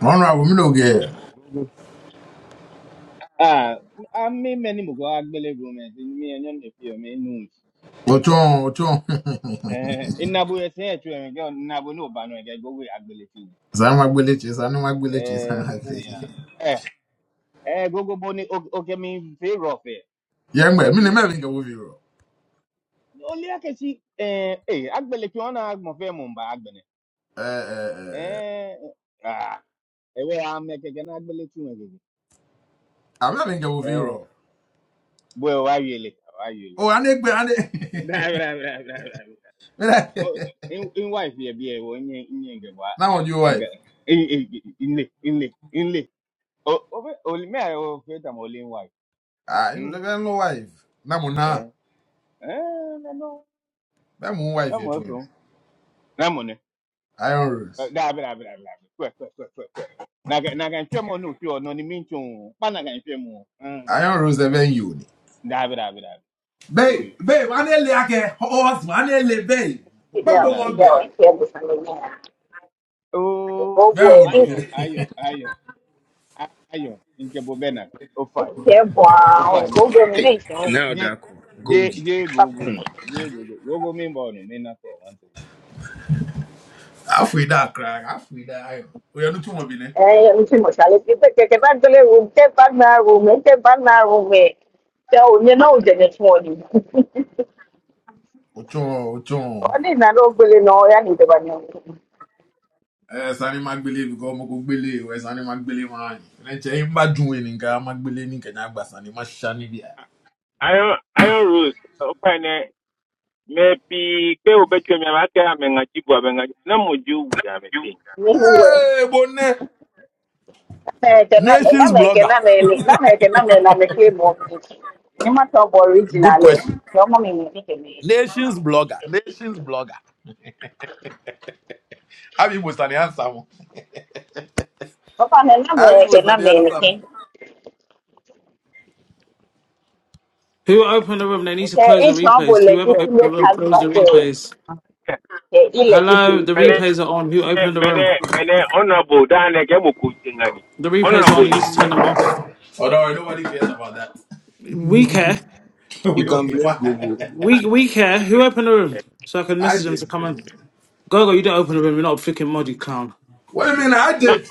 Honorable Minogue, Ah, ah, mi meni mugo agbele go me, ti mi enyo ne pio me nu. Ochon, Eh, Ochon. inabo ye se etu en ge inabo no ba no ge gogo agbele ti. Zama Gwilichi, Zanima Gwilichi, Eh, Zanima gune ya. Gwilichi. Eh, eh gogo boni o ge mi favor fe. Young man, I Minna Hm. a Wuviro. O le ake si eh eh agbele ti ona mo fe mo ba agbene. Eh, ah, ewe a me ke ge na agbele ti en ge. I'm having a Wuviro. Eh, bo wa yele, wa yele. Oh, I Anik, Bra Anik. bra bra bra bra. Oh, in in wife yeah yeah well in in in get what Now, your in wife. get in in in in in in in oh oh only me I oh fit am only in wife I don't hmm know wife. Namuna. eh eh no no That moon wife, I'm your twin. welcome na mo ne Iron Rose. da bi da bi da bi da bi kwe kwe kwe kwe kwe na ga na ga ntwe mo no twe no ni mi ntwe pa na ga ntwe mo hmm Iron Rose, the venue. da bi da bi da bi yo Babe, yo babe, Anele, I can. Oh, husband, Anele, babe. Papa entendeu? da won't bi Entendeu? bear. Entendo essa menina. Eu oh vou, Very vou, ayo entendo. no. ayo ayo ayo nke bo bena o fine Que é bom, o fine vou, o vou, menina. Now Ye, that ye, Goldie. ye, Google. Ye, Google. Google me, bono. Me, not for one thing. Afrida crack, Afrida ayo. Oya no tun mo bi ne. É, eu não sei, moça, ela que que que vai ter um que vai na rua, que vai na room. So, you know, the next morning. Ocho ocho. Only na rua, ele não é ainda vai não. Eh sani magbele bi ko mo ko sani magbele ma ni. Ne che yin ba dun we magbele ni kan agba sani ma bi. Iron Iron Rose okwane maybe pe obetwe mi amate amengachi bu amengachi na moju wu amete. Me rua. Eh bonne. É, que na Nations na me que blogger. na me, na I, que na me na me que bom. Ni ma to Good original. question. Yo mo mi ni que me. Nations blogger. Nations blogger. Abi was an answer mo. Papa na na Abi me que was na an me answer ni mo. que. Who opened the room? They need to Okay, close the each one will replays. Whoever opened the legitimate room, close the husband, the, replays. the Hello, the Mene illegitimate. replays are on. Who opened the room? mene mene honorable dane ke boku tingani. The replays are on. Honorable You need ni. to turn them off. Oh no, nobody cares about that. We care. You we can okay. blame Why? Gogo. We we care. Who opened the room? So I can I message them did. to come in. Gogo, you don't open the room. You're not a freaking mod, you clown. What do you mean I Na did?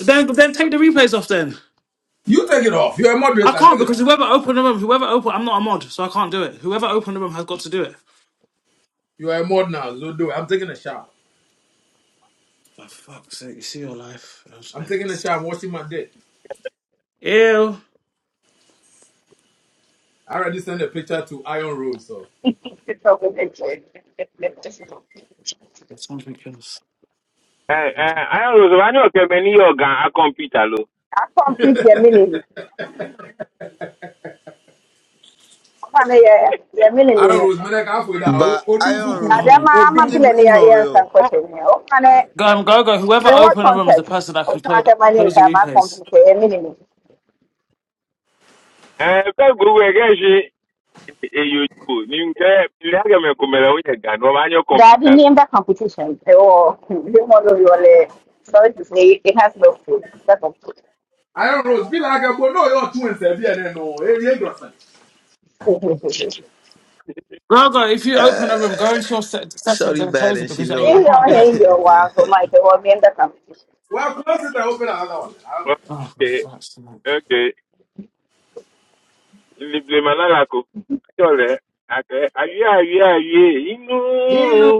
Then then take the replays off. Then You take it off. You're a I moderator. can't Take it because off. whoever opened the room, whoever opened, I'm not a mod, so I can't do it. Whoever opened the room has got to do it. You are a mod now, Zodo. I'm taking a shower. For fuck's sake, you see your life. I'm I'm sorry. taking a shower. I'm washing my dick. Ew. I already sent a picture to Iron Rose. So Something else. eh eh Iron Rose wani okemeni yoga a computer lo. I complete your meaning. Okay, your, your meaning in Iron it. Rose, man, I can't that. Odunfu I kumfuni. can't. Adama, I'm a In, Odunfu. in, billionaire, yes, I'm questioning. Okay, Go, go, go. Whoever in what opened the room is the context? person that can play, Okay, my name is plays the Adama, replays. complete your meaning. Eh pe gugu ege ji eyo juu ni mekomera uye gani wamanya Daddy, kompyuta lo name the competition, Oh, you want to your, sorry to say, it has no food. That's all. Iron Rose, be like a boy. No, you're two and seven. Yeah, no, hey, you ain't got something. Go, go. If you open uh, a room, go into your set, settings sorry, and bad, close it and she because I, know it. In I your, can't do it. in your, wow, so my, the one name the competition. Well, close it and open another one. I'm- Oh, for okay fuck's sake. okay libre malala ko chole ake aye aye aye inu Inu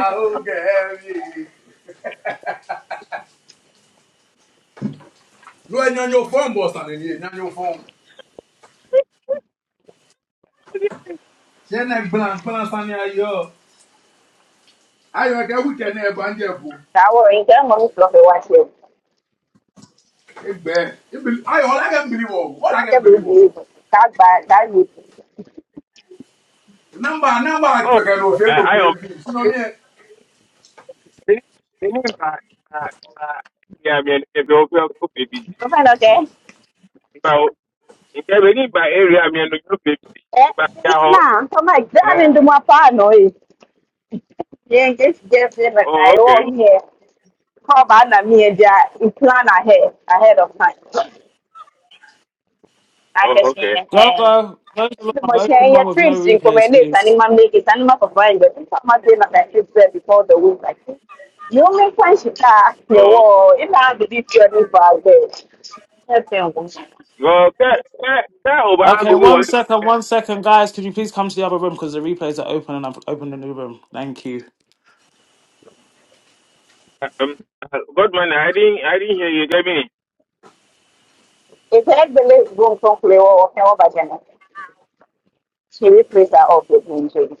ogemi. Lo enyan your phone boss and enyan enyan your phone. Shene blank blank sani I Ayo ke weekend e banje bu. That were in them on the watch you. Egbe. Ayo all I can believe all. All I That can can be believe all. believe. That bad, that you. namba namba oh akipekano fero i kwa am you know me. ni ni ba ba ya mi en ebe o pe o pe Okay, okay. Yeah, we need by area. I mean, the group is Eh, by uh, na, so my dad into my pano is. Yeah, just get it like Oh, I okay. owe me. How about na me and that you plan ahead, ahead of time. I Oh, can see okay. Go, eh. go. Close the room. The I've opened machine your one with no trips in replays, Comenius and in please. my make it and my provide but I'm not that trip there before the week like this. The only time she got your Oh, wall, it now the different value. well, that that that over. I Okay, go one one. second, one second, guys. Can you please come to the other room because the replays are open and I've opened a new room. Thank you. Um, Godman, I didn't I didn't hear you. Get me. If that village won't conclude or can over She replace her off with me.